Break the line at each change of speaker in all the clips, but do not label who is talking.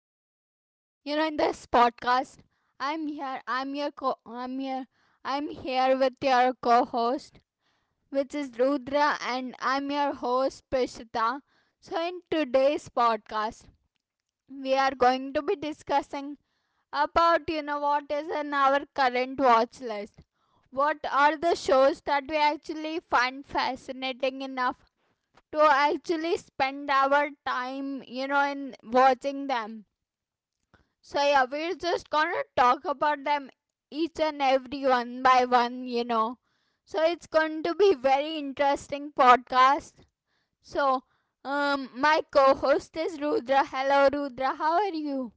in this podcast, I'm here. I'm your co. I'm here. I'm here with your co-host, which is Rudra, and I'm your host Prishita. So in today's podcast, we are going to be discussing about what is in our current watch list. What are the shows that we actually find fascinating enough to actually spend our time, in watching them. So, yeah, we're just gonna talk about them each and every one by one. So, it's going to be very interesting podcast. So, my co-host is Rudra. Hello, Rudra. How are you?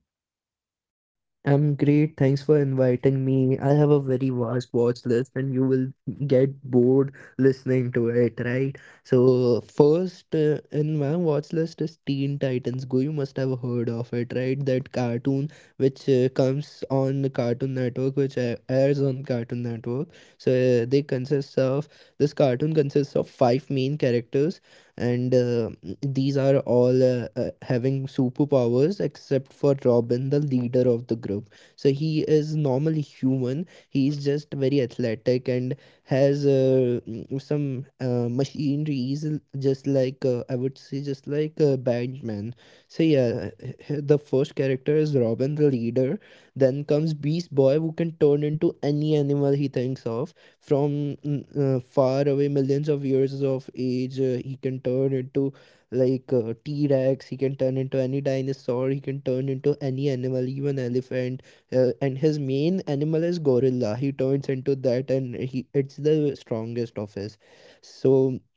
I'm great. Thanks for inviting me. I have a very vast watch list and you will get bored listening to it, right? So, first in my watch list is Teen Titans Go. You must have heard of it, right? That cartoon which comes on the Cartoon Network, which airs on Cartoon Network. So, they consists of this cartoon consists of five main characters and these are all having superpowers except for Robin, the leader of the group. So he is normally human. He's just very athletic and has some machineries, just like I would say, just like Batman. So yeah, the first character is Robin, the leader. Then comes Beast Boy, who can turn into any animal he thinks of from far away millions of years of age, he can turn into like t-rex, he can turn into any dinosaur, he can turn into any animal, even elephant. And his main animal is gorilla. He turns into that and he it's the strongest of his. So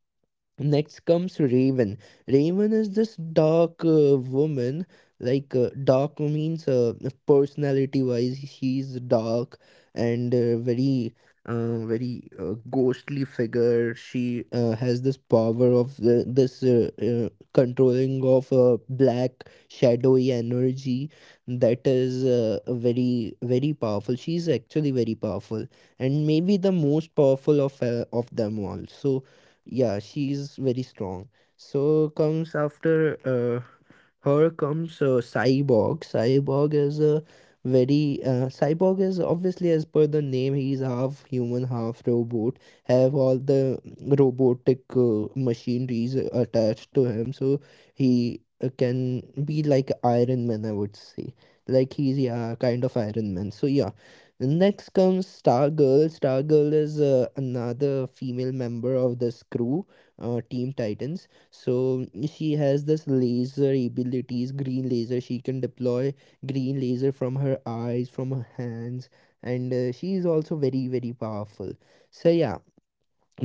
next comes Raven. Raven is this dark woman. Like dark means personality wise, she's dark and very ghostly figure. She has this power of this controlling of black shadowy energy that is very, very powerful. She's actually very powerful and maybe the most powerful of them all. So yeah, she's very strong. So comes after here comes Cyborg. Cyborg is a very cyborg is obviously, as per the name, he's half human, half robot. Have all the robotic machineries attached to him. So he can be like Iron Man, I would say. Like he's, yeah, kind of Iron Man. So yeah, next comes Stargirl. Stargirl is another female member of this crew, Team Titans. So she has this laser abilities, green laser. She can deploy green laser from her eyes, from her hands, and she is also very, very powerful. So yeah,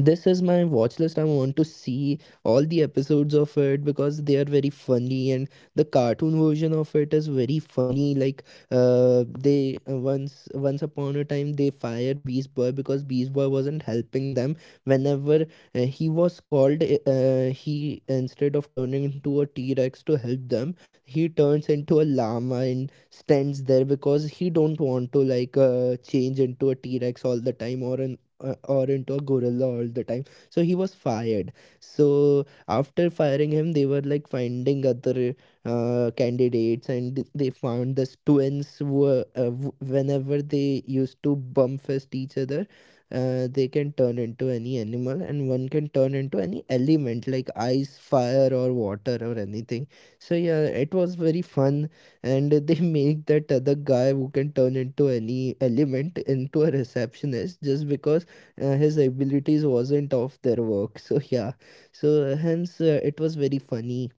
this is my watch list. I want to see all the episodes of it because they are very funny, and the cartoon version of it is very funny. Like, they once once upon a time they fired Beast Boy because Beast Boy wasn't helping them. Whenever he was called, he, instead of turning into a T Rex to help them, he turns into a llama and stands there because he don't want to like change into a T Rex all the time or an or into a gorilla all the time. So he was fired. So after firing him, they were like finding other candidates, and they found this twins who were, whenever they used to bump fist each other, they can turn into any animal and one can turn into any element like ice, fire, or water or anything. So yeah, it was very fun. And they make that other guy who can turn into any element into a receptionist just because his abilities wasn't of their work. So yeah, so hence it was very funny.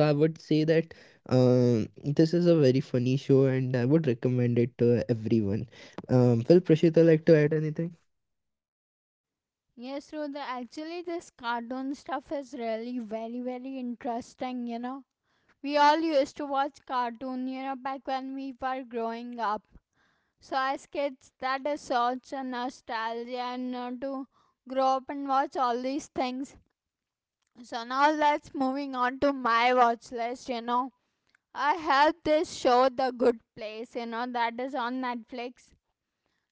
So I would say that, um, this is a very funny show and I would recommend it to everyone. Will Prashita like to add anything?
Yes, Rudra. Actually, this cartoon stuff is really very, very interesting. We all used to watch cartoon, back when we were growing up. So I sketched that is such a nostalgia and to grow up and watch all these things. So now let's moving on to my watch list. I have this show The Good Place, that is on Netflix.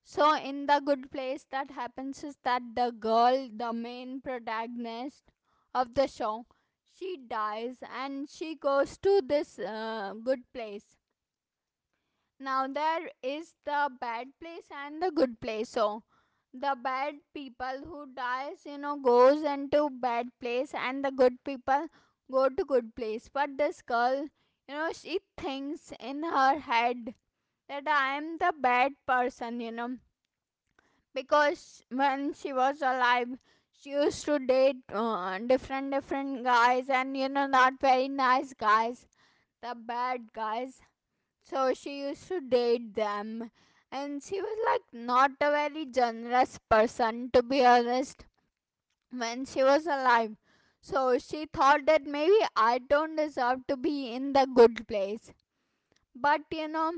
So in The Good Place that happens is that the girl, the main protagonist of the show, she dies and she goes to this good place. Now there is the bad place and the good place. So the bad people who dies, goes into bad place and the good people go to good place. But this girl, she thinks in her head that I am the bad person, because when she was alive, she used to date different guys and not very nice guys, the bad guys, so she used to date them, and she was like not a very generous person, to be honest, when she was alive. So she thought that maybe I don't deserve to be in the good place. But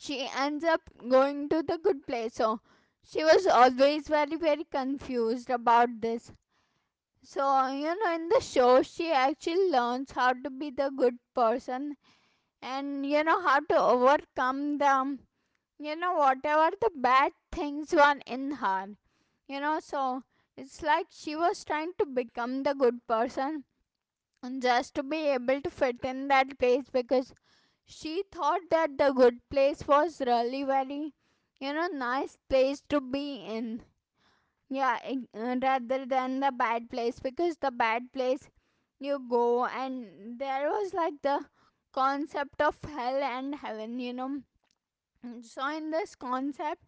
she ends up going to the good place. So she was always very, very confused about this. So, in the show, she actually learns how to be the good person and, how to overcome the whatever the bad things were in her, you know, so it's like she was trying to become the good person just to be able to fit in that place because she thought that the good place was really very nice place to be in. Yeah, rather than the bad place, because the bad place you go and there was like the concept of hell and heaven. So in this concept,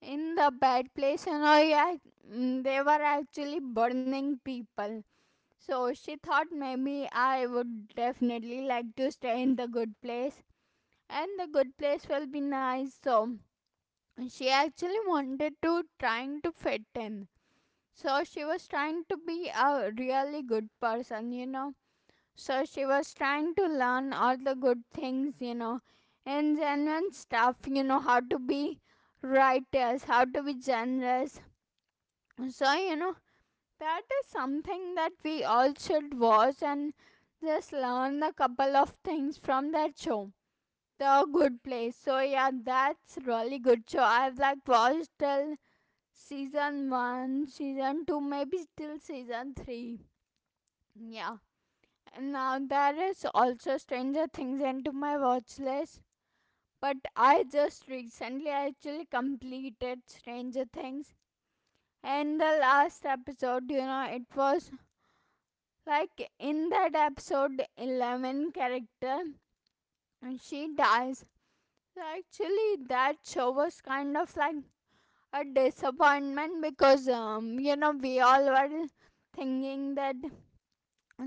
in the bad place, they were actually burning people. So she thought maybe I would definitely like to stay in the good place and the good place will be nice. So she actually wanted to trying to fit in. So she was trying to be a really good person. So she was trying to learn all the good things, and genuine stuff, how to be righteous, how to be generous. So that is something that we all should watch and just learn a couple of things from that show, The Good Place. So yeah, that's really good show. I've like watched till season 1, season 2, maybe till season 3. Yeah. And now there is also Stranger Things into my watch list, but I just recently actually completed Stranger Things. And the last episode, it was like, in that episode 11 character, she dies. So actually, that show was kind of like a disappointment because, we all were thinking that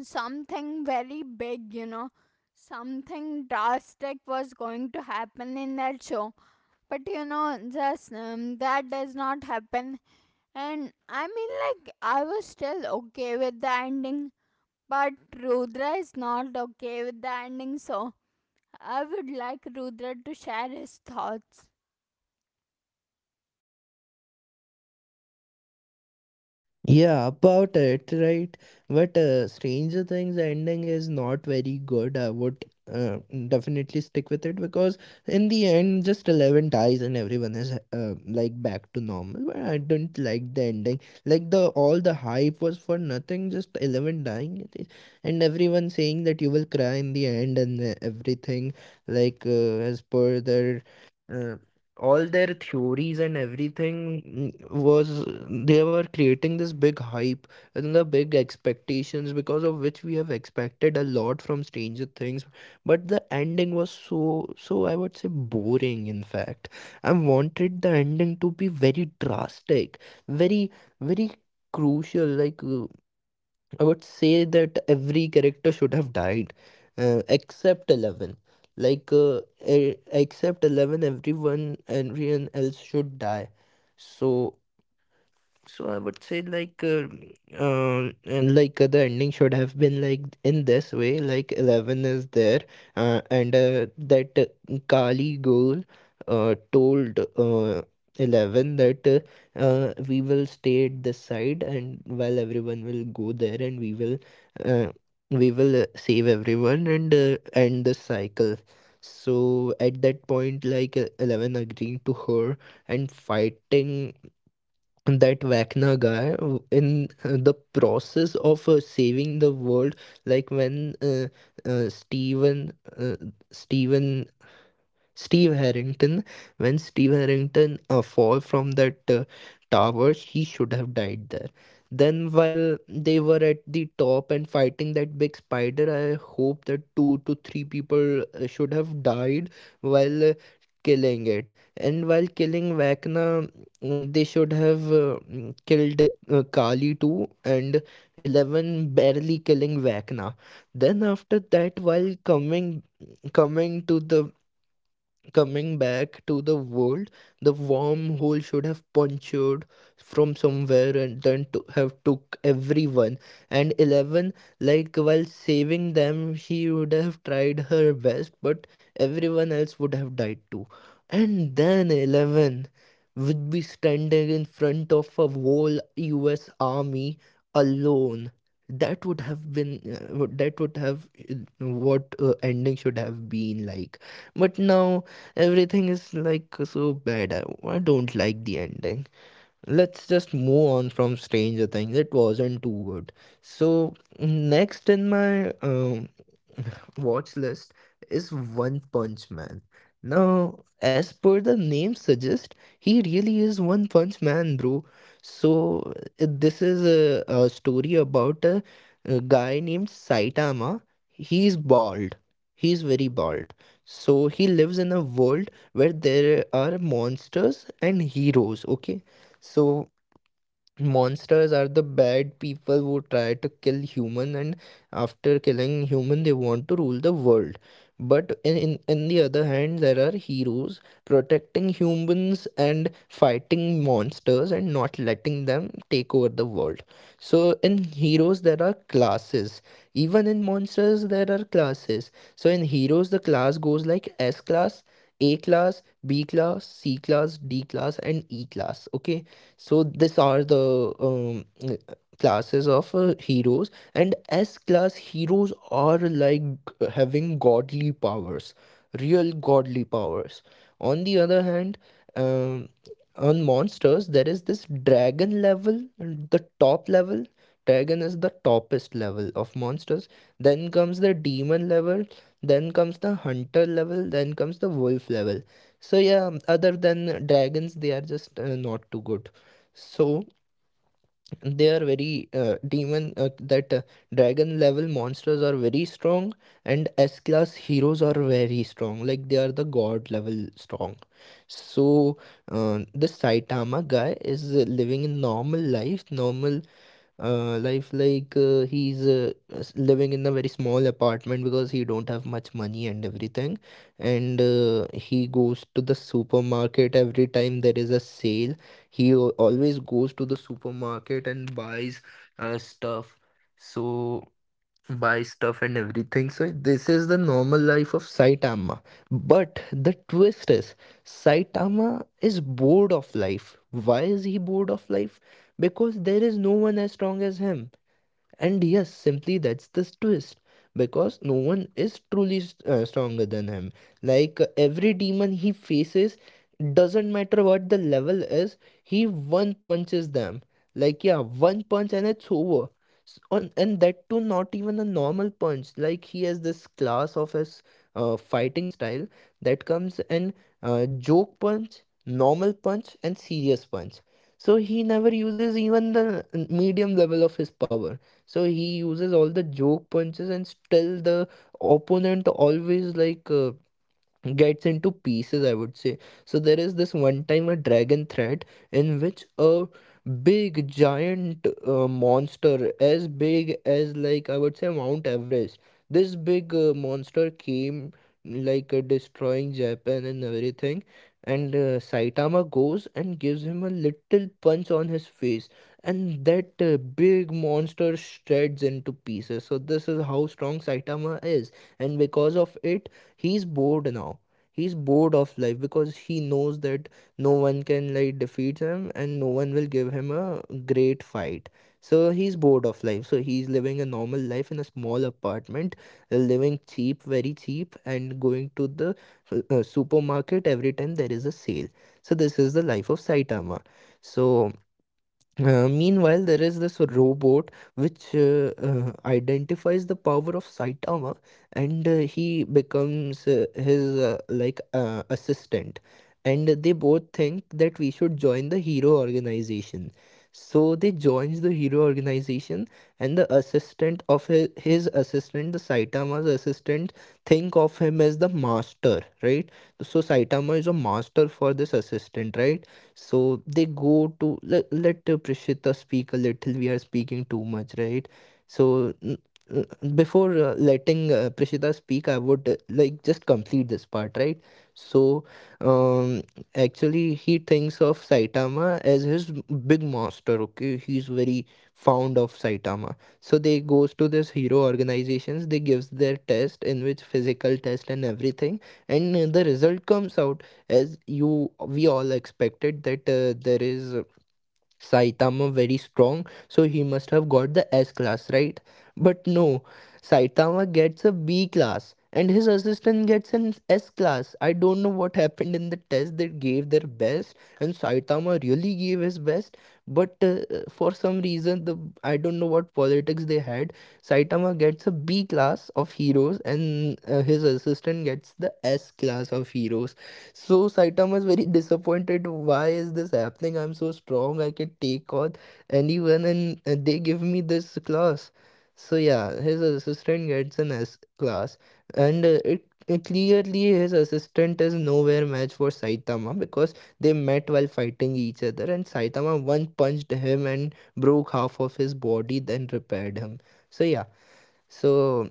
something very big, something drastic was going to happen in that show, but just that does not happen. And I mean, like, I was still okay with the ending. But Rudra is not okay with the ending, so I would like Rudra to share his thoughts.
Yeah, about it, right? But Stranger Things ending is not very good. I would, uh, definitely stick with it because in the end, just 11 dies and everyone is like back to normal. But I didn't like the ending. Like the all the hype was for nothing. Just 11 dying and everyone saying that you will cry in the end and everything. Like as per their. Uh, all their theories and everything, mm, was they were creating this big hype and the big expectations, because of which we have expected a lot from Stranger Things, but the ending was, so, so, I would say boring, in fact. I wanted the ending to be very drastic, very, very crucial. Like I would say that every character should have died, except 11. Like except 11, everyone else should die. So, so I would say, like and like the ending should have been like in this way, like 11 is there, and that Kali girl told 11 that, we will stay at this side and while everyone will go there, and uh, we will save everyone and end the cycle. So at that point, like 11 agreeing to her and fighting that Wagner guy, in the process of saving the world, like when uh, Steven uh, Steven Steve Harrington. When Steve Harrington fall from that tower, he should have died there. Then while they were at the top and fighting that big spider, I hope that two to three people should have died while killing it. And while killing Vecna, they should have killed Kali too, and 11 barely killing Vecna. Then after that, while coming to the coming back to the world, the wormhole should have punctured from somewhere and then to have took everyone. And 11, like while saving them, she would have tried her best, but everyone else would have died too. And then 11 would be standing in front of a whole U.S. army alone. That would have been, that would have what ending should have been like. But now everything is like so bad. I don't like the ending. Let's just move on from Stranger Things. It wasn't too good. So next in my watch list is One Punch Man. Now, as per the name suggests, he really is One Punch Man, bro. So, this is a story about a guy named Saitama. He's bald. He's very bald. So, he lives in a world where there are monsters and heroes, okay? So, monsters are the bad people who try to kill human, and after killing human they want to rule the world. But in the other hand, there are heroes protecting humans and fighting monsters and not letting them take over the world. So in heroes there are classes, even in monsters there are classes. So in heroes the class goes like S class, A class, B class, C class, D class and E class, okay? So these are the classes of heroes, and S class heroes are like having godly powers, real godly powers. On the other hand, um, on monsters there is this dragon level, the top level. Dragon is the toppest level of monsters. Then comes the demon level. Then comes the hunter level. Then comes the wolf level. So yeah, other than dragons, they are just not too good. So they are very demon that dragon level monsters are very strong and S class heroes are very strong, like they are the god level strong. So the Saitama guy is living in normal life, normal life. Like he's living in a very small apartment because he don't have much money and everything, and he goes to the supermarket every time there is a sale. He always goes to the supermarket and buys stuff. So buys stuff and everything. So this is the normal life of Saitama. But the twist is Saitama is bored of life. Why is he bored of life? Because there is no one as strong as him. And yes, simply that's this twist, because no one is truly stronger than him. Like every demon he faces, doesn't matter what the level is, he one punches them. Like, yeah, one punch and it's over. And that too, not even a normal punch. Like, he has this class of his fighting style that comes in joke punch, normal punch, and serious punch. So he never uses even the medium level of his power, so he uses all the joke punches and still the opponent always gets into pieces, I would say. So there is this one time a dragon threat in which a big giant monster as big as, like, I would say Mount Everest. This big monster came destroying Japan and everything, and Saitama goes and gives him a little punch on his face, and that big monster shreds into pieces. So this is how strong Saitama is, and because of it he's bored now. He's bored of life because he knows that no one can, like, defeat him, and no one will give him a great fight. So he's bored of life, so he's living a normal life in a small apartment, living cheap, very cheap, and going to the supermarket every time there is a sale. So this is the life of Saitama. So meanwhile, there is this robot which identifies the power of Saitama, and he becomes his, like, assistant. And they both think that we should join the hero organization. So they joins the hero organization, and the assistant of his assistant, the Saitama's assistant, think of him as the master, right? So Saitama is a master for this assistant, right? So they go to let, let Prishita speak a little. We are speaking too much, right? So n- before letting Prishita speak, I would like just complete this part, right? So um, actually, he thinks of Saitama as his big master. Okay, he's very fond of Saitama. So they goes to this hero organizations. They gives their test, in which physical test and everything, and the result comes out as you, we all expected, that there is, Saitama very strong, so he must have got the S class, right? But no, Saitama gets a B class and his assistant gets an S class. I don't know what happened in the test. They gave their best, and Saitama really gave his best. But for some reason, the, I don't know what politics they had. Saitama gets a B class of heroes, and his assistant gets the S class of heroes. So Saitama is very disappointed. Why is this happening? I'm so strong. I can take on anyone, and they give me this class. So yeah, his assistant gets an S class, and it clearly his assistant is nowhere match for Saitama, because they met while fighting each other, and Saitama one punched him and broke half of his body, then repaired him. So yeah, so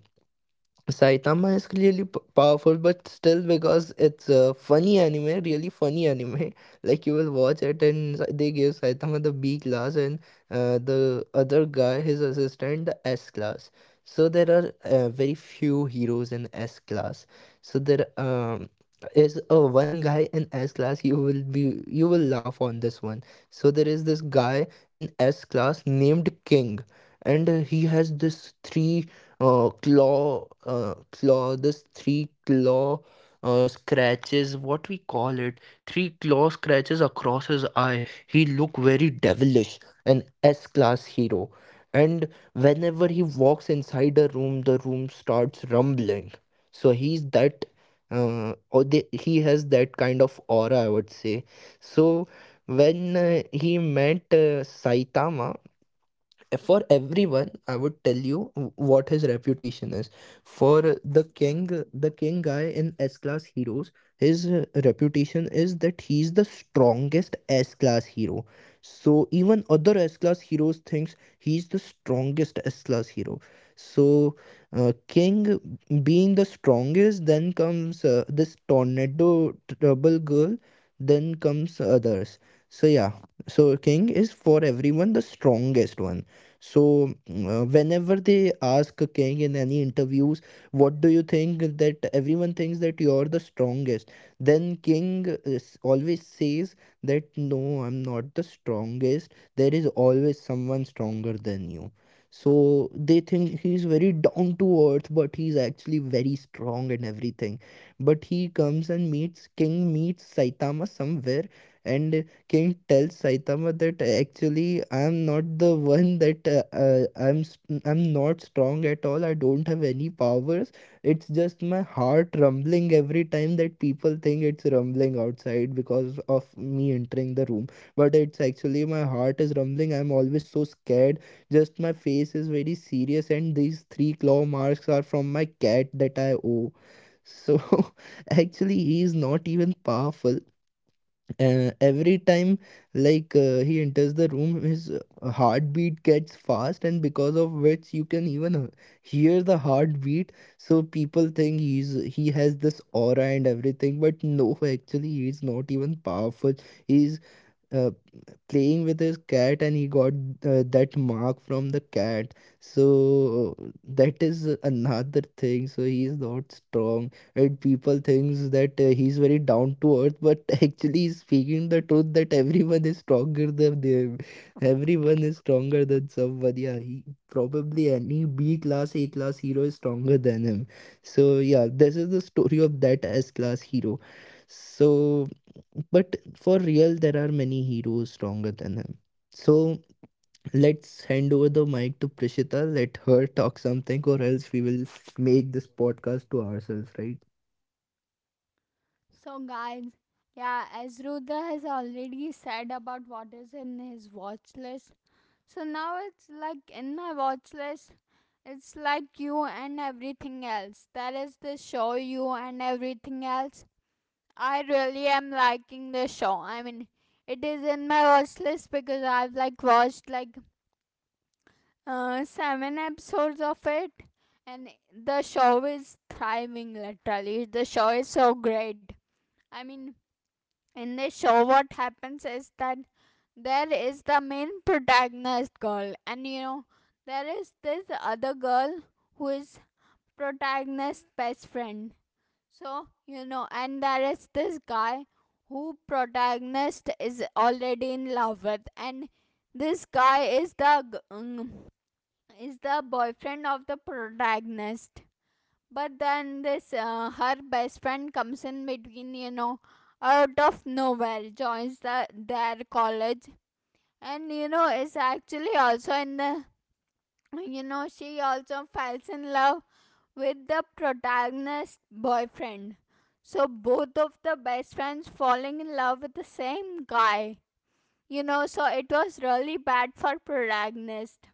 Saitama is really powerful, but still, because it's a funny anime, really funny anime. Like, you will watch it, and they give Saitama the B class, and the other guy, his assistant, the S class. So there are very few heroes in S class. So there is a one guy in S class. You will laugh on this one. So there is this guy in S class named King, and he has this three claw claw this three claw scratches, what we call it, three claw scratches across his eye. He look very devilish, an S class hero. And whenever he walks inside a room, the room starts rumbling. So he's that, or, he has that kind of aura, I would say. So when he met Saitama, for everyone I would tell you what his reputation is. For the King, the King guy in S class heroes, his reputation is that he's the strongest S class hero. So even other S class heroes thinks he's the strongest S class hero. So King being the strongest, then comes this Tornado, Trouble Girl, then comes others. So yeah, so King is for everyone the strongest one. So, whenever they ask King in any interviews, what do you think that everyone thinks that you're the strongest? Then King is, always says that no, I'm not the strongest. There is always someone stronger than you. So they think he's very down to earth, but he's actually very strong and everything. But he comes and meets, King meets Saitama somewhere, and King tells Saitama that actually, I'm not the one that I'm not strong at all. I don't have any powers. It's just my heart rumbling every time, that people think it's rumbling outside because of me entering the room. But it's actually my heart is rumbling. I'm always so scared. Just my face is very serious, and these three claw marks are from my cat that I owe. So actually, he is not even powerful. Every time, like, he enters the room, his heartbeat gets fast, and because of which you can even hear the heartbeat, so people think he's, he has this aura and everything, but no, actually he's not even powerful. He's uh, playing with his cat, and he got that mark from the cat. So that is another thing. So he is not strong, and people thinks that he's very down to earth, but actually he's speaking the truth, that everyone is stronger than them. Everyone is stronger than someone. Yeah, he probably, any B class, A class hero is stronger than him. So yeah, this is the story of that S class hero. So, but for real, there are many heroes stronger than him. So let's hand over the mic to Prishita. Let her talk something, or else we will make this podcast to ourselves, right?
So, guys, yeah, as Rudra has already said about what is in his watch list, so now it's like in my watch list, it's like You and Everything Else. That is the show, You and Everything Else. I really am liking the show. I mean, it is in my watch list because I've like watched like seven episodes of it, and the show is thriving literally. The show is so great. I mean, in this show, what happens is that there is the main protagonist girl, and there is this other girl who is protagonist's best friend. So, and there is this guy who protagonist is already in love with, and this guy is the is the boyfriend of the protagonist. But then this her best friend comes in between, out of nowhere, joins the their college, and is actually also in the, she also falls in love with the protagonist boyfriend. So both of the best friends falling in love with the same guy. So it was really bad for protagonist.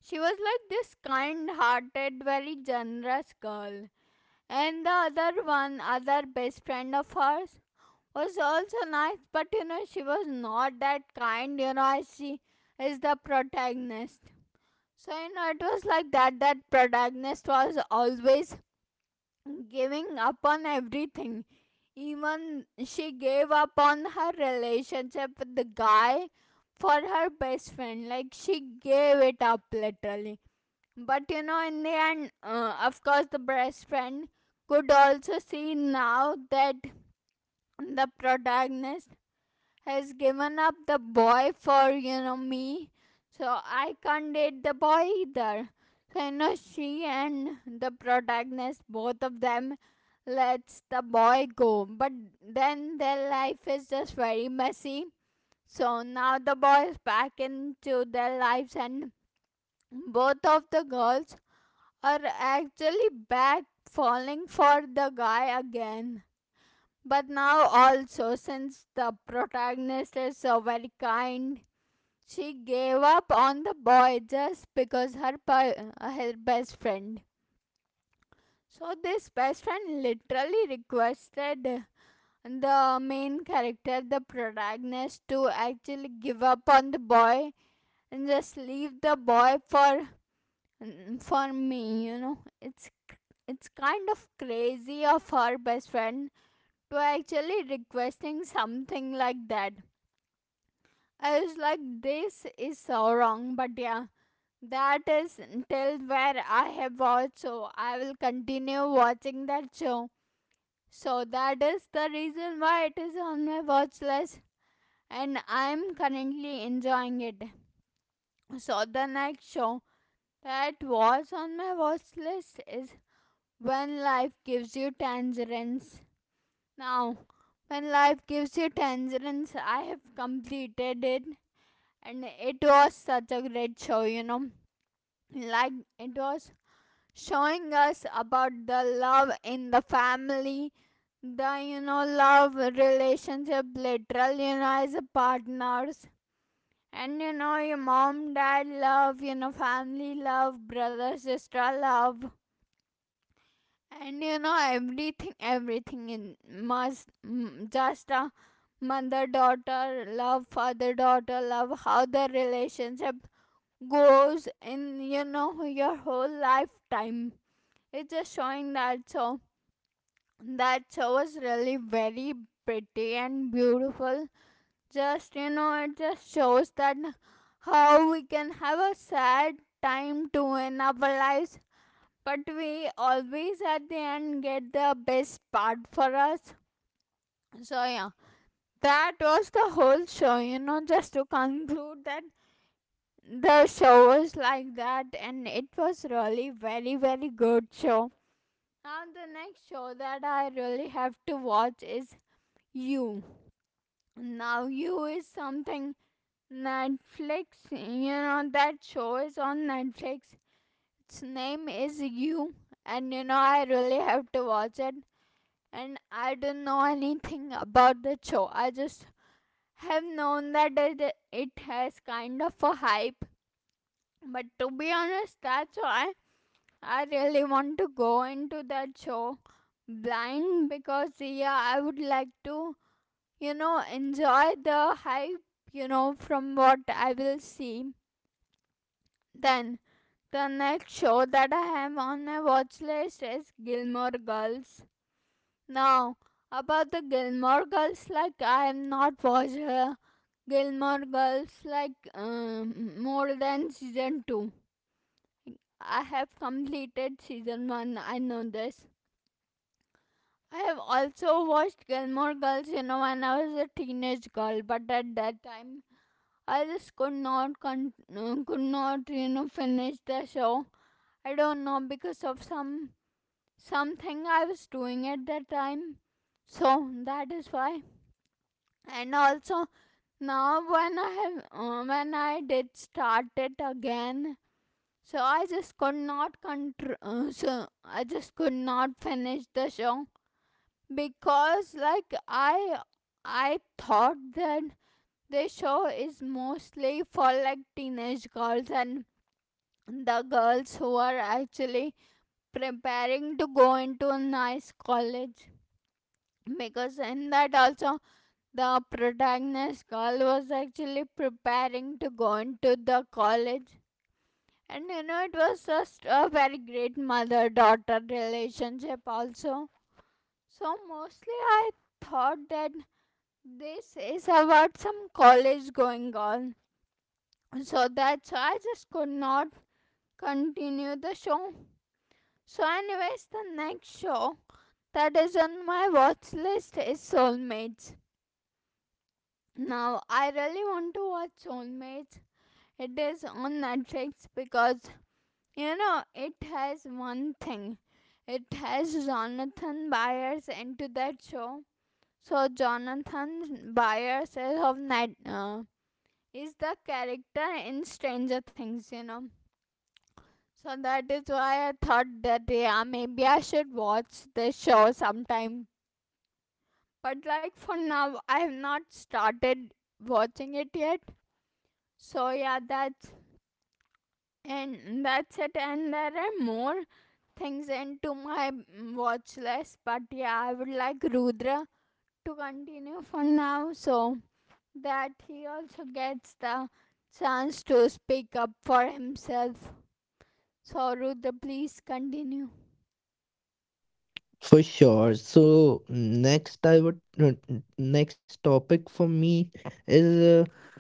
She was like this kind hearted, very generous girl. And the other one, other best friend of hers, was also nice, but she was not that kind, as she is the protagonist. So, it was like that, that protagonist was always giving up on everything. Even she gave up on her relationship with the guy for her best friend. Like, she gave it up literally, but in the end, of course, the best friend could also see now that the protagonist has given up the boy for, me. So I can't date the boy either. So, she and the protagonist, both of them, lets the boy go. But then their life is just very messy. So now the boy is back into their lives, and both of the girls are actually back falling for the guy again. But now, also, since the protagonist is so very kind, she gave up on the boy just because her best friend. So, this best friend literally requested the main character, the protagonist, to actually give up on the boy and just leave the boy for for me. It's kind of crazy of her best friend to actually requesting something like that. I was like, this is so wrong. But yeah, that is till where I have watched, so I will continue watching that show. So that is the reason why it is on my watch list, and I'm currently enjoying it. So the next show that was on my watch list is When Life Gives You Tangerines. Now, When Life Gives You Tangerines, I have completed it, and it was such a great show. Like, it was showing us about the love in the family, the love relationship, literal, as partners. And your mom, dad love, family love, brother, sister love, and everything in must just a mother daughter love, father daughter love, how the relationship goes in your whole lifetime. It's just showing that. So that show was really very pretty and beautiful. Just it just shows that how we can have a sad time too in our lives, but we always at the end get the best part for us. So yeah, that was the whole show. You know, just to conclude that the show was like that, and it was really very very good show. Now the next show that I really have to watch is You. Now You is something Netflix. You know that show is on Netflix. Its name is You, and I really have to watch it, and I don't know anything about the show. I just have known that it has kind of a hype, but to be honest, that's why I really want to go into that show blind because yeah, I would like to, enjoy the hype, from what I will see. Then the next show that I have on my watch list is Gilmore Girls. Now, about the Gilmore Girls, like I have not watched Gilmore Girls like more than season 2. I have completed season 1, I know this. I have also watched Gilmore Girls, when I was a teenage girl, but at that time I just could not, con- could not, finish the show. I don't know because of some something I was doing at that time. So that is why, and also now when I have when I did start it again, so I just could not control so I just could not finish the show. Because like I thought that the show is mostly for like teenage girls, and the girls who are actually preparing to go into a nice college, because in that also the protagonist girl was actually preparing to go into the college. And you know, it was just a very great mother daughter relationship, also. So mostly I thought that this is about some college going on. So that's why I just could not continue the show. So anyways, the next show that is on my watch list is Soulmates. Now, I really want to watch Soulmates. It is on Netflix because you know, it has one thing. It has Jonathan Byers into that show. So Jonathan Byers is of Net is the character in Stranger Things, you know. So that is why I thought that yeah, maybe I should watch this show sometime. But like for now, I have not started watching it yet. So yeah, that's and that's it and there are more things into my watch list. But yeah, I would like Rudra to continue for now, so that he also gets the chance to speak up for himself. So Rudra, please continue.
For sure. So next, I would, next topic for me, is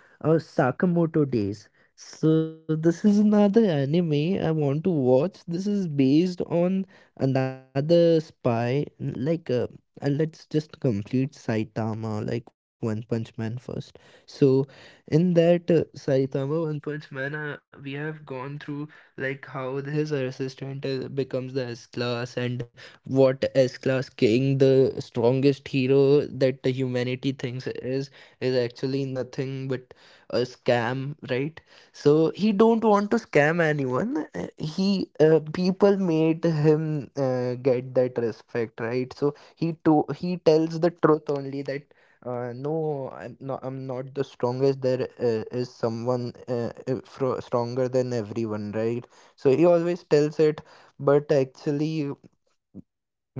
Sakamoto Days. So this is another anime I want to watch. This is based on another spy. Like, and let's just complete Saitama, like One Punch Man first. So, in that Saitama One Punch Man, we have gone through like how his assistant becomes the S class, and what S class King, the strongest hero that the humanity thinks is actually nothing but a scam, right? So he don't want to scam anyone. He, people made him get that respect, right? So he to, he tells the truth only, that no, I'm not, I'm not the strongest. There is someone stronger than everyone, right? So he always tells it. But actually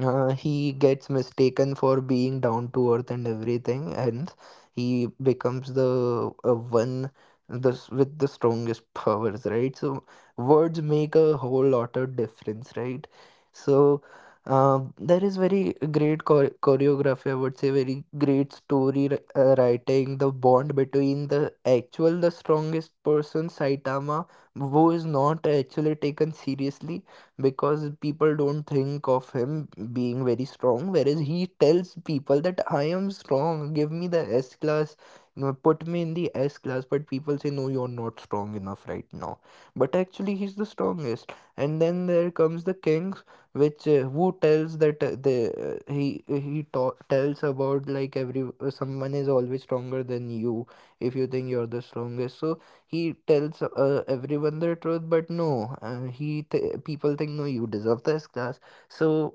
he gets mistaken for being down to earth and everything, and he becomes the one, the with the strongest powers, right? So words make a whole lot of difference, right? So there is very great choreography, I would say, very great story writing. The bond between the actual, the strongest person, Saitama, who is not actually taken seriously because people don't think of him being very strong, whereas he tells people that I am strong, give me the S class, you know, put me in the S class, but people say no, you're not strong enough right now. But actually he's the strongest. And then there comes the Kings, which, who tells that the he ta- tells about, like, every, someone is always stronger than you if you think you're the strongest. So he tells everyone the truth, but no, people think no, you deserve this class. So,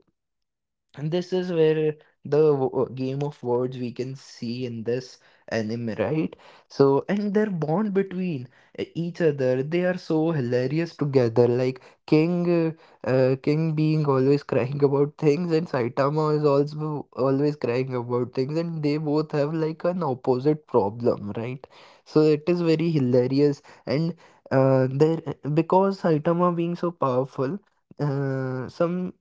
and this is where the game of words we can see in this anime, right? So, and their bond between each other, they are so hilarious together. Like, King, King being always crying about things, and Saitama is also always crying about things, and they both have, like, an opposite problem, right? So it is very hilarious. And there because Saitama being so powerful, some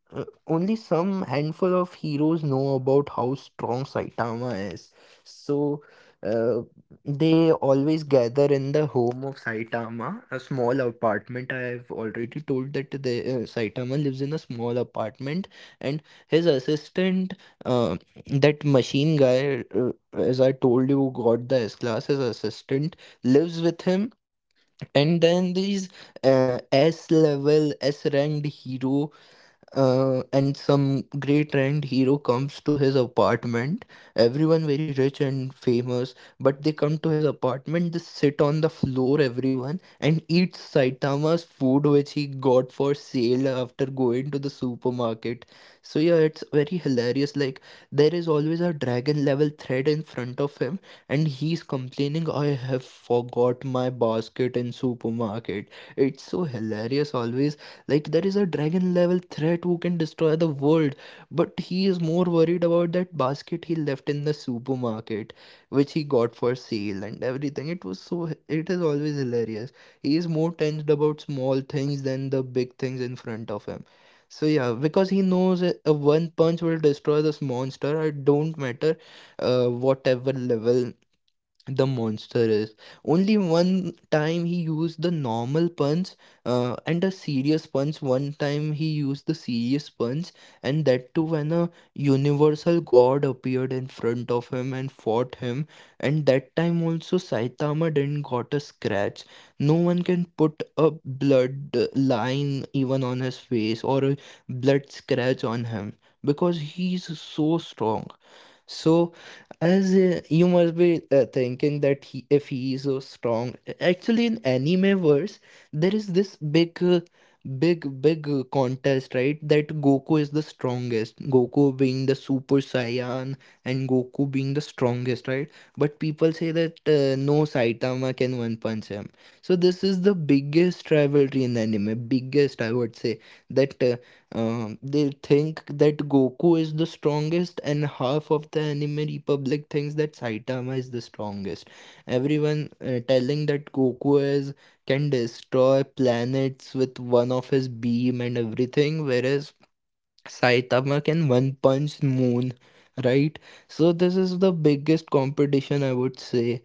only some handful of heroes know about how strong Saitama is. So uh, they always gather in the home of Saitama, a small apartment. I've already told that the, Saitama lives in a small apartment, and his assistant, uh, that machine guy, as I told you, got the S class. His assistant lives with him, and then these S level, S ranked hero, and some great rand hero comes to his apartment. Everyone very rich and famous, but they come to his apartment, they sit on the floor, everyone, and eat Saitama's food which he got for sale after going to the supermarket. So yeah, it's very hilarious. Like, there is always a dragon level thread in front of him, and he's complaining, I have forgot my basket in supermarket. It's so hilarious always, like, there is a dragon level threat who can destroy the world, but he is more worried about that basket he left in the supermarket, which he got for sale and everything. It was so, it is always hilarious. He is more tensed about small things than the big things in front of him. So yeah, because he knows a one punch will destroy this monster. It don't matter whatever level the monster is. Only one time he used the normal punch and a serious punch. One time he used the serious punch, and that too when a universal god appeared in front of him and fought him. And that time also Saitama didn't got a scratch. No one can put a blood line even on his face, or a blood scratch on him, because he's so strong. So, as you must be thinking that if he is so strong, actually in anime verse, there is this big contest, right? That Goku is the strongest. Goku being the Super Saiyan and Goku being the strongest, right? But people say that no, Saitama can one punch him. So this is the biggest rivalry in anime. Biggest, I would say that. They think that Goku is the strongest, and half of the anime republic thinks that Saitama is the strongest. Everyone telling that Goku is can destroy planets with one of his beam and everything, whereas Saitama can one punch moon, right? So this is the biggest competition, I would say,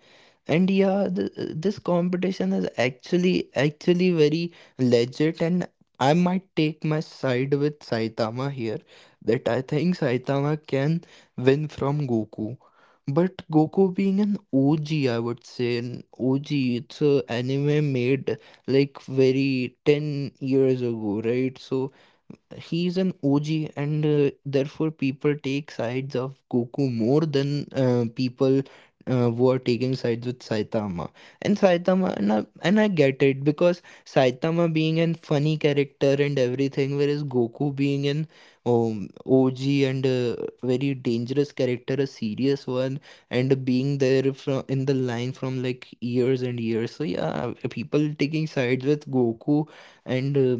and yeah, this competition is actually very legit, and I might take my side with Saitama here, that I think Saitama can win from Goku. But Goku being an OG, I would say, an OG, it's a anime made like very 10 years ago, right? So he's an OG, and therefore people take sides of Goku more than people who are taking sides with Saitama. And Saitama, and I get it, because Saitama being a funny character and everything, whereas Goku being an OG and a very dangerous character, a serious one, and being there from in the line from like years and years. So yeah, people taking sides with Goku, and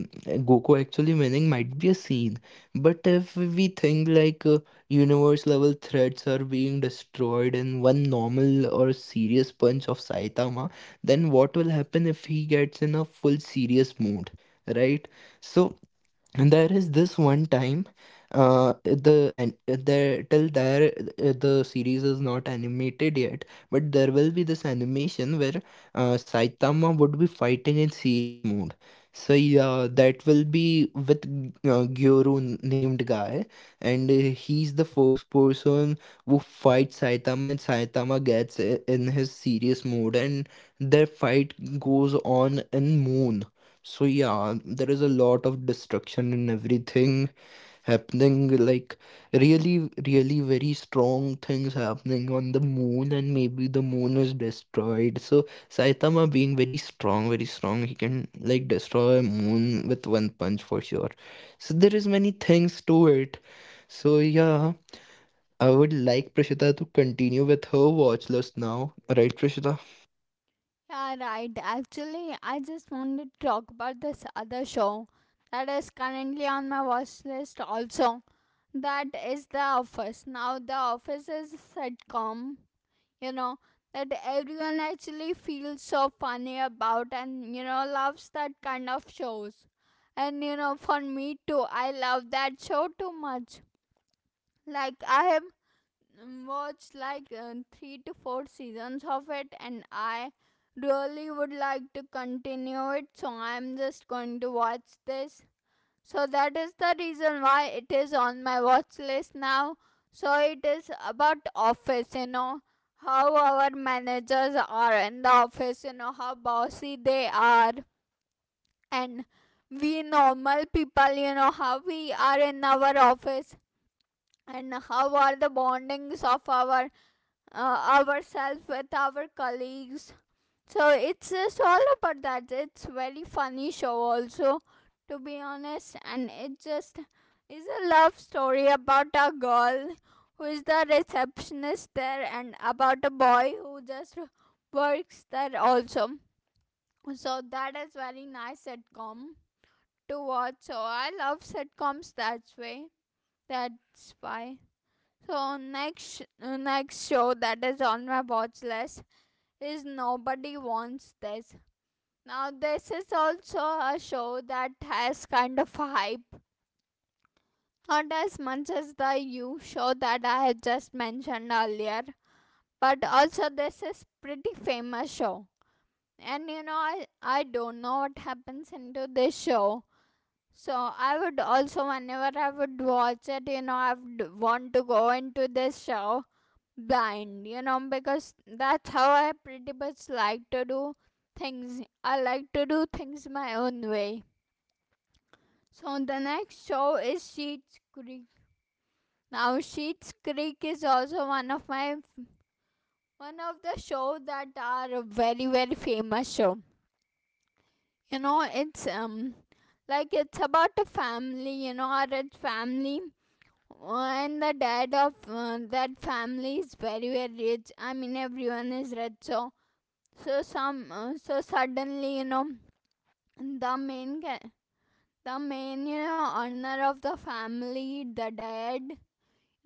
Goku actually winning might be a scene. But if we think like universe level threats are being destroyed in one normal or serious punch of Saitama, then what will happen if he gets in a full serious mode, right? So, and there is this one time, uh, the and there till there the series is not animated yet, but there will be this animation where Saitama would be fighting in serious mode. So yeah, that will be with Gyoru named guy, and he's the first person who fights Saitama, and Saitama gets in his serious mode, and their fight goes on in moon. So yeah, there is a lot of destruction and everything happening, like really, really very strong things happening on the moon, and maybe the moon is destroyed. So Saitama being very strong, he can like destroy a moon with one punch for sure. So there is many things to it. So yeah, I would like Prashita to continue with her watch list now, right, Prashita?
Yeah, right, actually I just wanted to talk about this other show that is currently on my watch list also. That is The Office. Now The Office is a sitcom, you know, that everyone actually feels so funny about, and you know, loves that kind of shows. And you know, for me too, I love that show too much. Like I have watched like 3 to 4 seasons of it, and I really would like to continue it, so I'm just going to watch this. So that is the reason why it is on my watch list now. So it is about office, you know, how our managers are in the office, you know, how bossy they are. And we normal people, you know, how we are in our office, and how are the bondings of our ourselves with our colleagues. So it's just all about that. It's very funny show also, to be honest, and it just is a love story about a girl who is the receptionist there, and about a boy who just works there also. So that is very nice sitcom to watch. So I love sitcoms that way. That's why. So next, next show that is on my watch list is Nobody Wants This. Now, this is also a show that has kind of a hype, not as much as the You show that I have just mentioned earlier, but also this is pretty famous show. And you know, I don't know what happens into this show. So I would also, whenever I would watch it, you know, I would want to go into this show blind, you know, because that's how I pretty much like to do things. I like to do things my own way. So the next show is Sheets Creek. Now Sheets Creek is also one of my one of the show that are very, very famous show. You know, it's like, it's about a family. You know, a rich family. And the dad of that family is very, very rich. I mean, everyone is rich. So so some so suddenly, you know, the main the main, you know, owner of the family, the dad.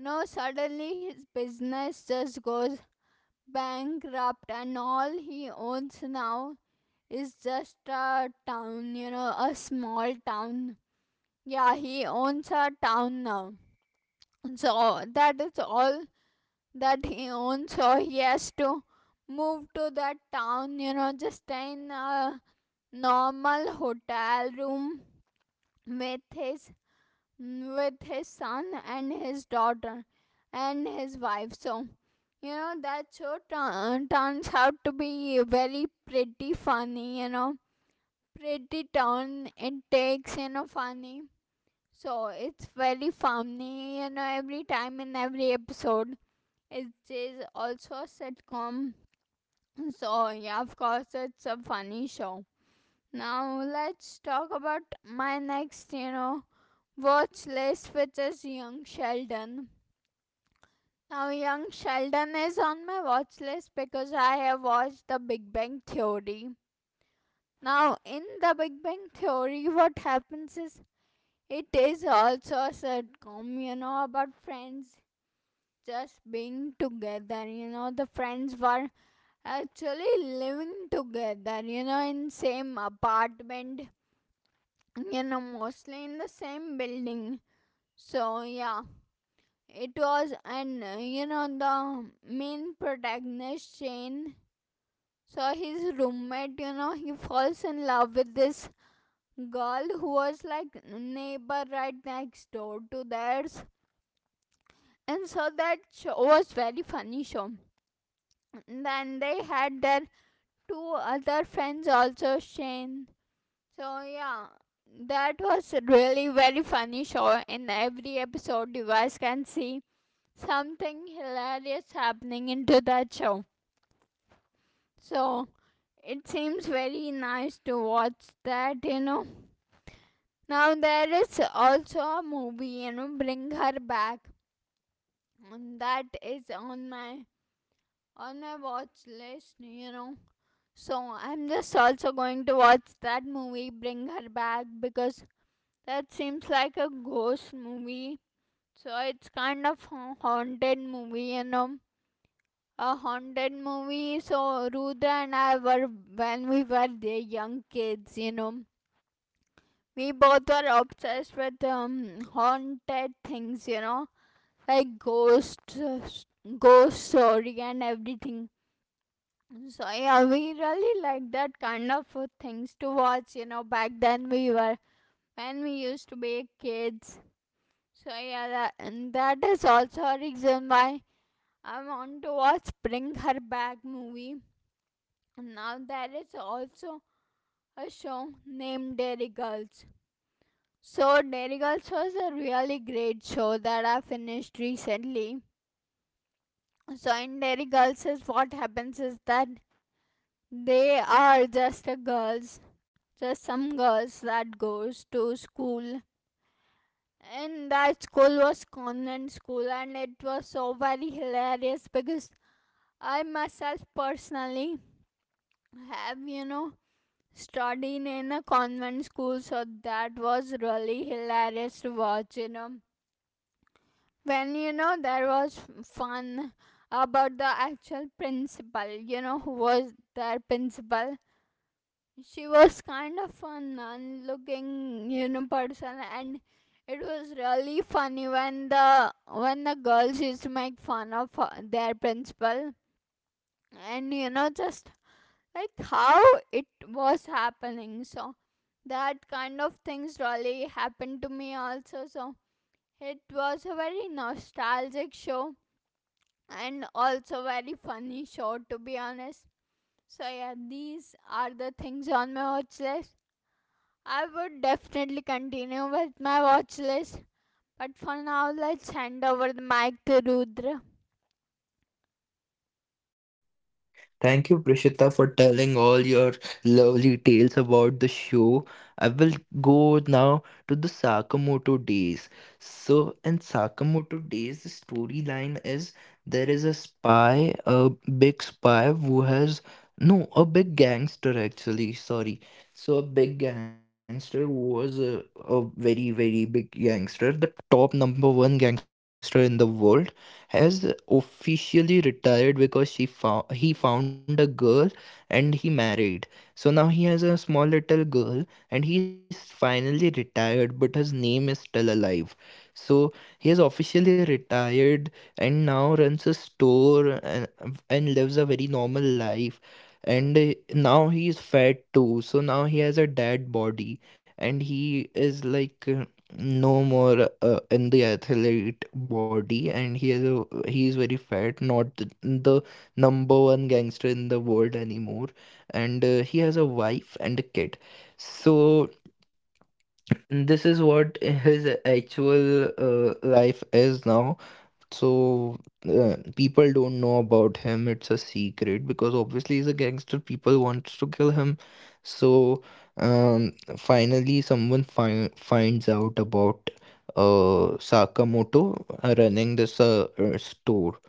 No, suddenly his business just goes bankrupt, and all he owns now is just a town, you know, a small town. Yeah, he owns a town now. So that is all that he owns, so he has to move to that town, you know, just stay in a normal hotel room with his with his son and his daughter and his wife. So you know, that show turns out to be very pretty funny, you know, pretty turn it takes, you know, funny. So it's very funny, you know, every time in every episode. It is also a sitcom. So yeah, of course, it's a funny show. Now, let's talk about my next, you know, watch list, which is Young Sheldon. Now, Young Sheldon is on my watch list because I have watched The Big Bang Theory. Now, in The Big Bang Theory, what happens is it is also a sitcom, you know, about friends just being together. You know, the friends were actually living together, you know, in same apartment, you know, mostly in the same building. So yeah, it was, and you know, the main protagonist, Shane. So his roommate, you know, he falls in love with this girl who was like neighbor right next door to theirs. And so that show was very funny show. And then they had their two other friends also, Shane. So yeah, that was really very funny show. In every episode, you guys can see something hilarious happening into that show. So it seems very nice to watch that, you know. Now there is also a movie, you know, Bring Her Back. And that is on my watch list, you know. So I'm just also going to watch that movie, Bring Her Back, because that seems like a ghost movie. So it's kind of haunted movie, you know. A haunted movie. So Rudra and I were when we were the young kids, you know. We both were obsessed with haunted things, you know, like ghosts, ghost story and everything. So yeah, we really liked that kind of things to watch, you know. Back then we were when we used to be kids. So yeah, that, and that is also a reason why I want to watch Bring Her Back movie. Now there is also a show named Dairy Girls. So Dairy Girls was a really great show that I finished recently. So in Dairy Girls is what happens is that they are just a girls, just some girls that goes to school. And that school was convent school, and it was so very hilarious because I myself personally have, you know, studying in a convent school, so that was really hilarious to watch, you know, when you know there was fun about the actual principal, you know, who was their principal. She was kind of a nun looking, you know, person. And it was really funny when the girls used to make fun of her, their principal, and you know, just like how it was happening. So that kind of things really happened to me also, so it was a very nostalgic show, and also very funny show, to be honest. So yeah, these are the things on my watch list. I would definitely continue with my watch list, but for now, let's hand over the mic to Rudra.
Thank you, Prishita, for telling all your lovely tales about the show. I will go now to the Sakamoto Days. So, in Sakamoto Days, the storyline is there is a spy, a big spy who has no, a big gangster actually. Sorry. So, a big gangster who was a very, very big gangster, the top number one gangster in the world has officially retired because she found he found a girl, and he married. So now he has a small little girl, and he's finally retired, but his name is still alive. So he has officially retired and now runs a store, and lives a very normal life. And now he is fat too. So now he has a dad body, and he is like no more in the athlete body, and he is a, he is very fat, not the number one gangster in the world anymore, and he has a wife and a kid. So this is what his actual life is now. So people don't know about him. It's a secret because obviously he's a gangster. People wants to kill him. So finally, someone finds out about Sakamoto running this store.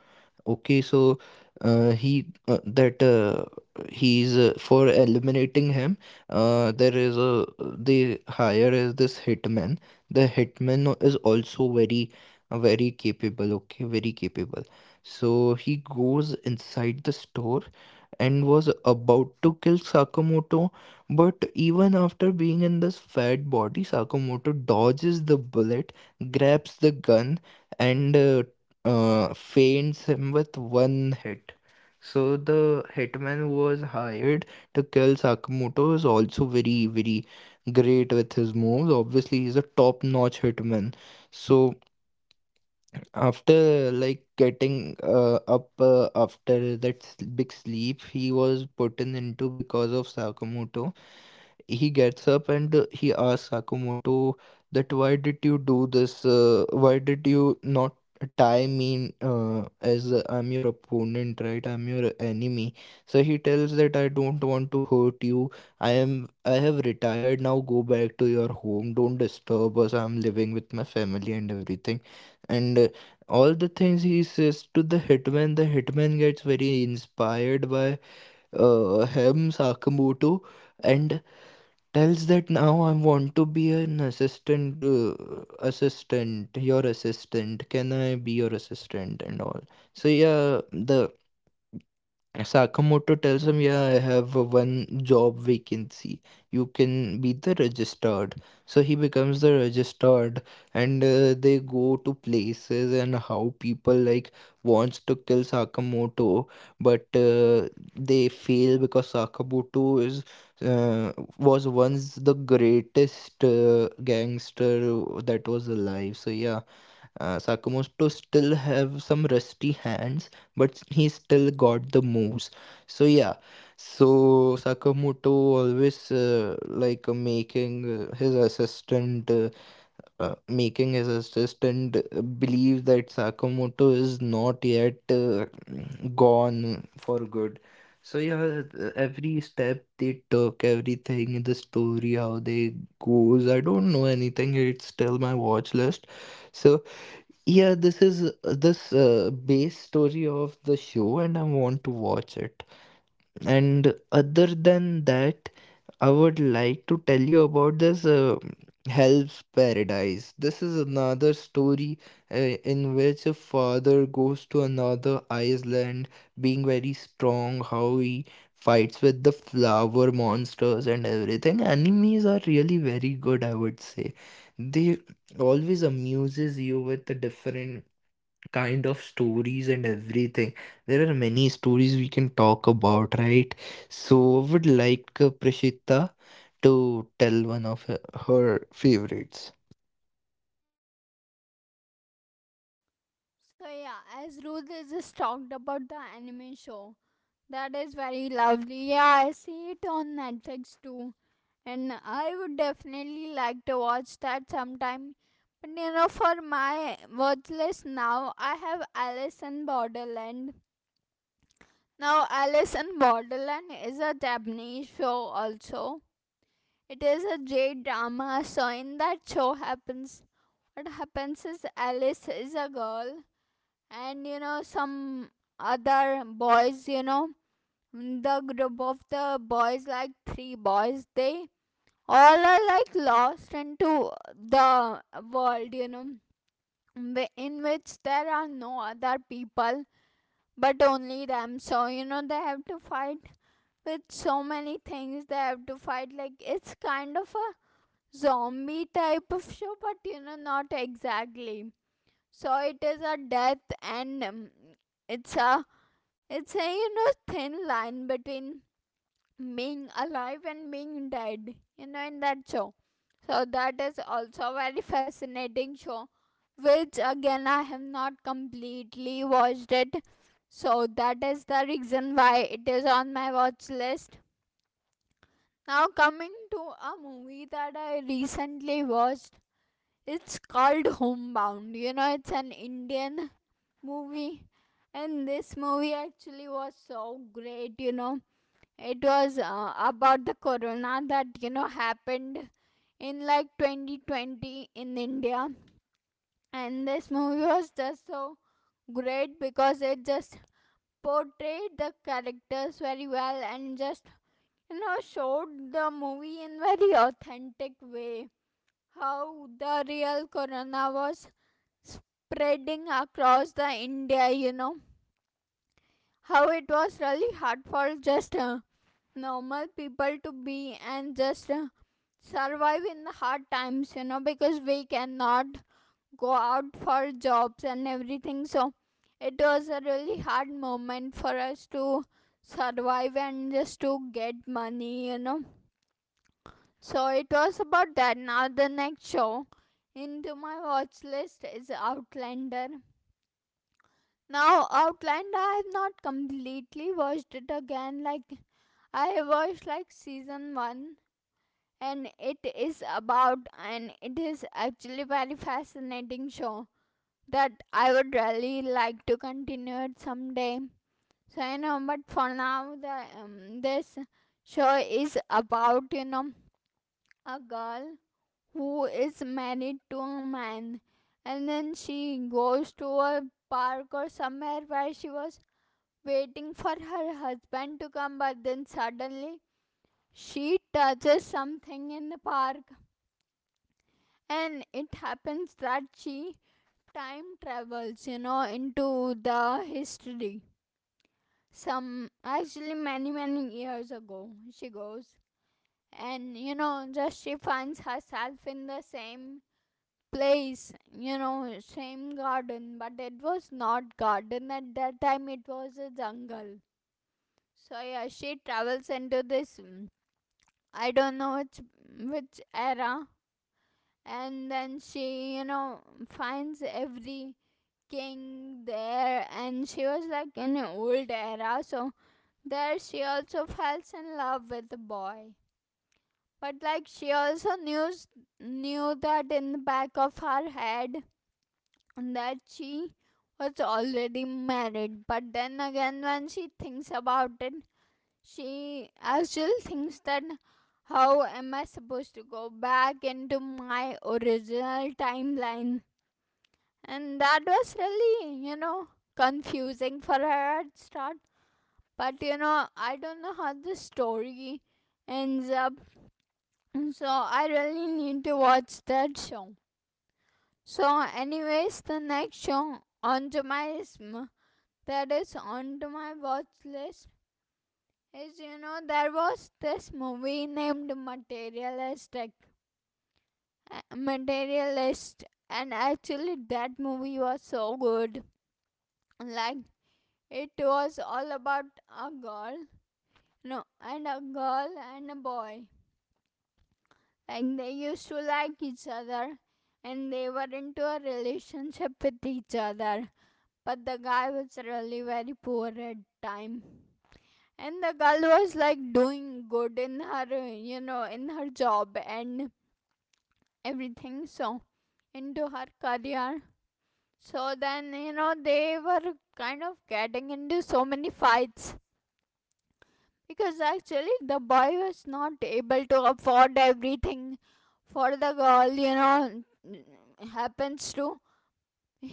Okay, so uh, he uh, that uh, he's for eliminating him. There is a they hire as this hitman. The hitman is also very capable. Okay, very capable. So he goes inside the store and was about to kill Sakamoto, but even after being in this fat body, Sakamoto dodges the bullet, grabs the gun, and feints him with one hit. So the hitman who was hired to kill Sakamoto is also very, very great with his moves. Obviously, he's a top-notch hitman. So after like getting up after that big sleep he was put in into because of Sakamoto, he gets up, and he asks Sakamoto that why did you do this? Why did you not tie me in, as I'm your opponent, right? I'm your enemy. So he tells that I don't want to hurt you. I have retired now. Go back to your home. Don't disturb us. I'm living with my family and everything. And all the things he says to the hitman gets very inspired by him, Sakamoto, and tells that now I want to be an assistant, your assistant. Can I be your assistant and all? So yeah, the Sakamoto tells him, "Yeah, I have a one job vacancy. You can be the registered." So he becomes the registered, and they go to places, and how people like wants to kill Sakamoto, but they fail because Sakamoto is uh, was once the greatest gangster that was alive. So yeah, Sakamoto still have some rusty hands, but he still got the moves. So yeah, so Sakamoto always like making his assistant, making his assistant believe that Sakamoto is not yet gone for good. So yeah, every step they took, everything in the story, how they goes, I don't know anything. It's still my watch list. So yeah, this is this base story of the show, and I want to watch it. And other than that, I would like to tell you about this Hell's Paradise. This is another story in which a father goes to another island, being very strong, how he fights with the flower monsters and everything. Animes are really very good, I would say. They always amuses you with the different kind of stories and everything. There are many stories we can talk about, right? So, would like Prashita to tell one of her favorites.
So yeah, as Rudra just talked about the anime show, that is very lovely. Yeah, I see it on Netflix too. And I would definitely like to watch that sometime. But you know, for my watch list now, I have Alice in Borderland. Now, Alice in Borderland is a Japanese show also. It is a J drama. So in that show happens, what happens is Alice is a girl, and you know, some other boys, you know, the group of the boys, like three boys, they all are like lost into the world, you know, in which there are no other people but only them. So you know, they have to fight with so many things. They have to fight, like it's kind of a zombie type of show, but you know, not exactly. So it is a death, and it's a it's a, you know, thin line between being alive and being dead, you know, in that show. So that is also a very fascinating show, which again I have not completely watched it. So that is the reason why it is on my watch list. Now coming to a movie that I recently watched. It's called Homebound. You know, it's an Indian movie. And this movie actually was so great, you know. It was about the corona that you know happened in like 2020 in India, and this movie was just so great because it just portrayed the characters very well, and just you know showed the movie in very authentic way how the real corona was spreading across the India, you know, how it was really hard for just normal people to be, and just survive in the hard times, you know, because we cannot go out for jobs and everything. So it was a really hard moment for us to survive and just to get money, you know. So it was about that. Now the next show into my watch list is Outlander. Now Outlander I have not completely watched it again. Like I watched like season 1, and it is about, and it is actually very fascinating show that I would really like to continue it someday. So but for now, the this show is about a girl who is married to a man, and then she goes to a park or somewhere where she was waiting for her husband to come, but then suddenly she touches something in the park, and it happens that she time travels into the history. Some, actually, many many years ago she goes, and just she finds herself in the same place, same garden, but it was not garden at that time, it was a jungle. So yeah, she travels into this, I don't know which era. And then she, finds every King there, and she was like in an old era. So there she also falls in love with the boy, but like she also knew that in the back of her head that she was already married. But then again, when she thinks about it, she actually thinks that, how am I supposed to go back into my original timeline? And that was really, confusing for her at start. But I don't know how the story ends up. So I really need to watch that show. So anyways, the next show onto my watch list is, there was this movie named materialist. And actually that movie was so good, like. It was all about a girl, no, and a girl and a boy. Like they used to like each other, and they were into a relationship with each other. But the guy was really very poor at time, and the girl was like doing good in her, in her job and everything, so, into her career. So then, they were kind of getting into so many fights, because actually the boy was not able to afford everything for the girl. You know happens to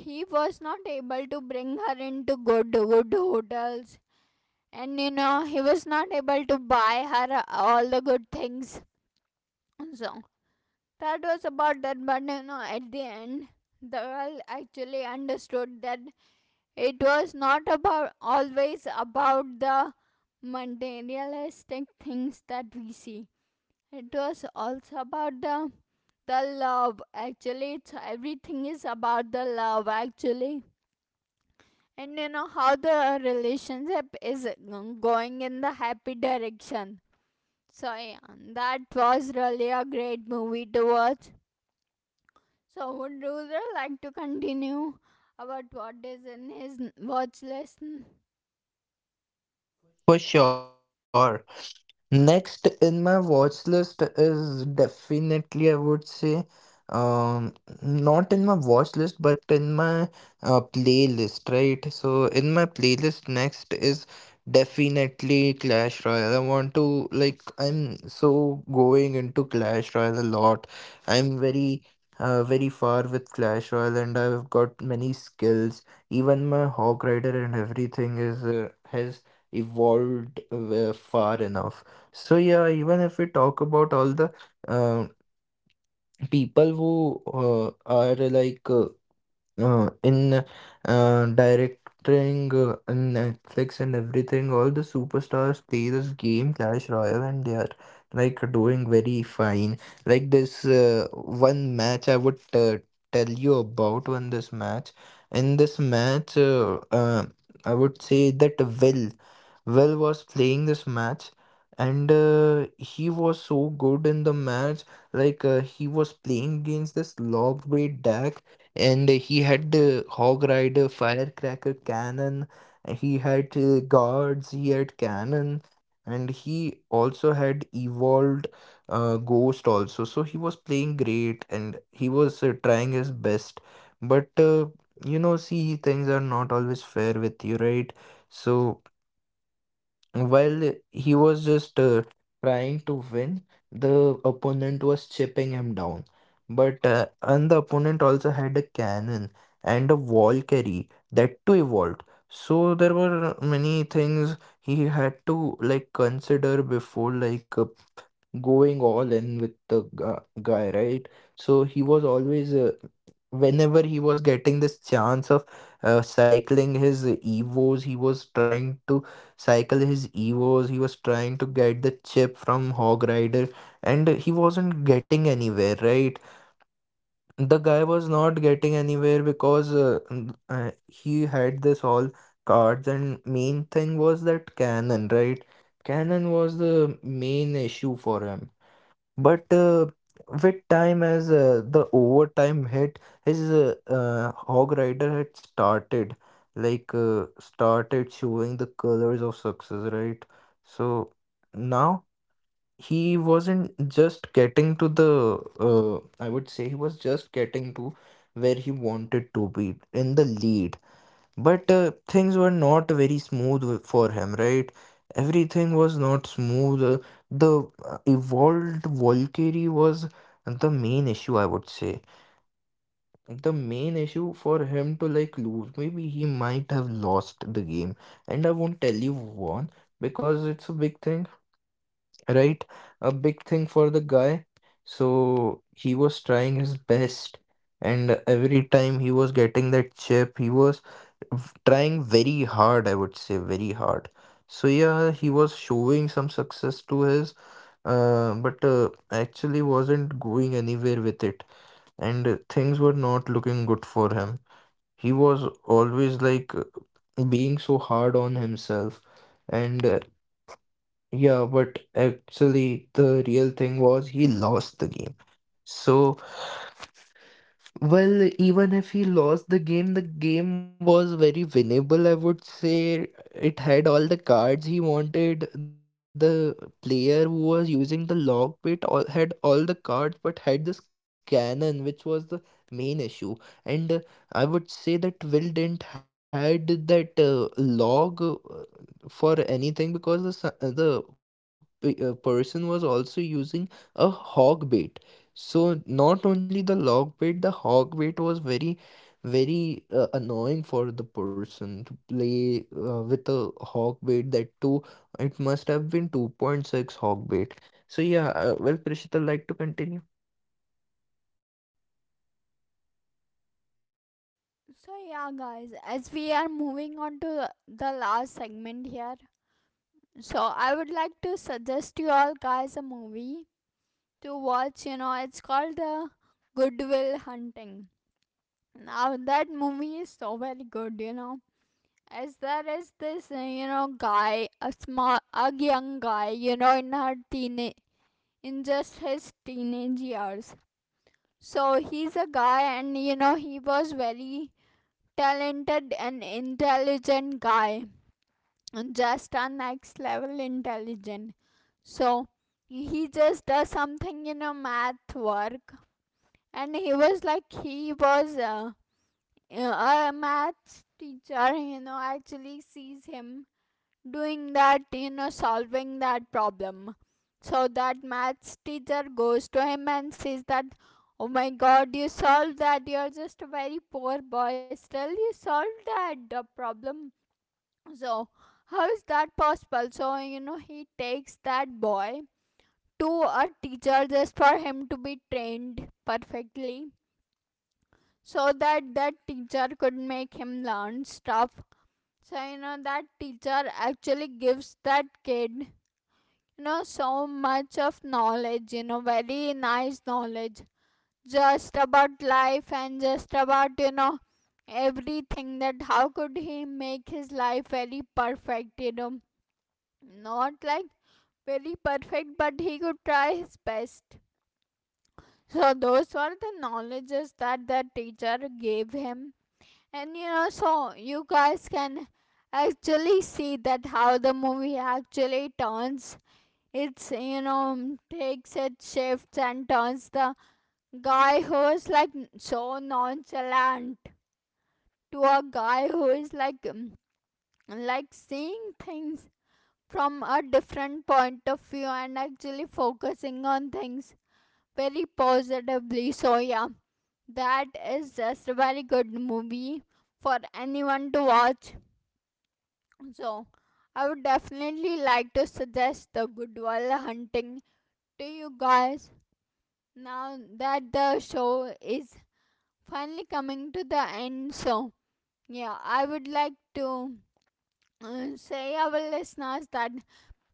He was not able to bring her into good good hotels, and he was not able to buy her all the good things. So that was about that. But at the end, the girl actually understood that it was not about, always about the materialistic things that we see. It was also about the love. Actually, it's everything is about the love. Actually, and you know how the relationship is going in the happy direction. So yeah, that was really a great movie to watch. So would you really like to continue about what is in his watch list?
For sure. Next in my watch list is definitely, I would say, um, not in my watch list, but in my playlist, right? So in my playlist, next is definitely Clash Royale. I want to like I'm so going into Clash Royale a lot. I'm very far with Clash Royale, and I've got many skills. Even my Hawk Rider and everything is has evolved far enough. So yeah, even if we talk about all the um people who uh, are like in directing in Netflix and everything, all the superstars play this game Clash Royale, and they are like doing very fine. Like this one match, I would tell you about when this match. In this match, I would say that Will was playing this match, and he was so good in the match. Like he was playing against this lob weight deck, and he had hog rider, firecracker, cannon, he had guards, he had cannon, and he also had evolved ghost also. So he was playing great, and he was trying his best. But you know, see, things are not always fair with you, right? So while he was just trying to win, the opponent was chipping him down. But and the opponent also had a cannon and a wall carry, that too evolved. So there were many things he had to like consider before like going all in with the guy, right? So he was always, whenever he was getting this chance of cycling his Evos, he was trying to cycle his Evos, he was trying to get the chip from Hog Rider, and he wasn't getting anywhere, right? The guy was not getting anywhere because he had this all cards, and main thing was that cannon, right? Cannon was the main issue for him. But with time, as the overtime hit, his Hog Rider had started, like started showing the colors of success, right? So now he wasn't just getting to the, I would say he was just getting to where he wanted to be in the lead. But things were not very smooth for him, right? Everything was not smooth. The evolved Valkyrie was the main issue, I would say. The main issue for him to like lose. Maybe he might have lost the game. And I won't tell you won because it's a big thing, right? A big thing for the guy. So he was trying his best, and every time he was getting that chip, he was trying very hard, I would say, very hard. So yeah, he was showing some success to his, but actually wasn't going anywhere with it, and things were not looking good for him. He was always like being so hard on himself, and yeah, but actually, the real thing was he lost the game. So well, even if he lost the game was very winnable, I would say. It had all the cards he wanted. The player who was using the log pit all, had all the cards but had this cannon, which was the main issue. And I would say that Will didn't had that log for anything because the person was also using a hog bait. So not only the log bait, the hog bait was very, very annoying for the person to play with a hog bait, that too. It must have been 2.6 hog bait. So yeah, well, Prishita, like to continue.
So yeah, guys, as we are moving on to the last segment here, so I would like to suggest you all guys a movie to watch. It's called Goodwill Hunting. Now that movie is so very good. As there is this guy, a young guy. In just his teenage years. So he's a guy, and he was very talented and intelligent guy, and just a next level intelligent. So he just does something, math work. And he was like he was a maths teacher actually sees him doing that, solving that problem. So that maths teacher goes to him and says that, oh my god, you solved that, you're just a very poor boy, still you solved that the problem. So how is that possible? So he takes that boy to a teacher just for him to be trained perfectly, so that that teacher could make him learn stuff. So that teacher actually gives that kid, so much of knowledge, very nice knowledge, just about life and just about, everything, that how could he make his life very perfect. Not like very perfect, but he could try his best. So those were the knowledges that the teacher gave him. And so you guys can actually see that how the movie actually turns. It's you know takes its shifts and turns, the guy who is like so nonchalant, to a guy who is like, seeing things from a different point of view and actually focusing on things very positively. So yeah, that is just a very good movie for anyone to watch. So, I would definitely like to suggest the Goodwill Hunting to you guys, now that the show is finally coming to the end. So, yeah, I would like to say our listeners that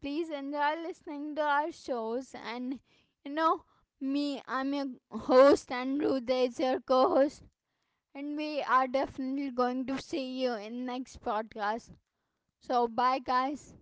please enjoy listening to our shows, and you know me, I'm your host, and Ruda is your co-host, and we are definitely going to see you in next podcast. So bye, guys.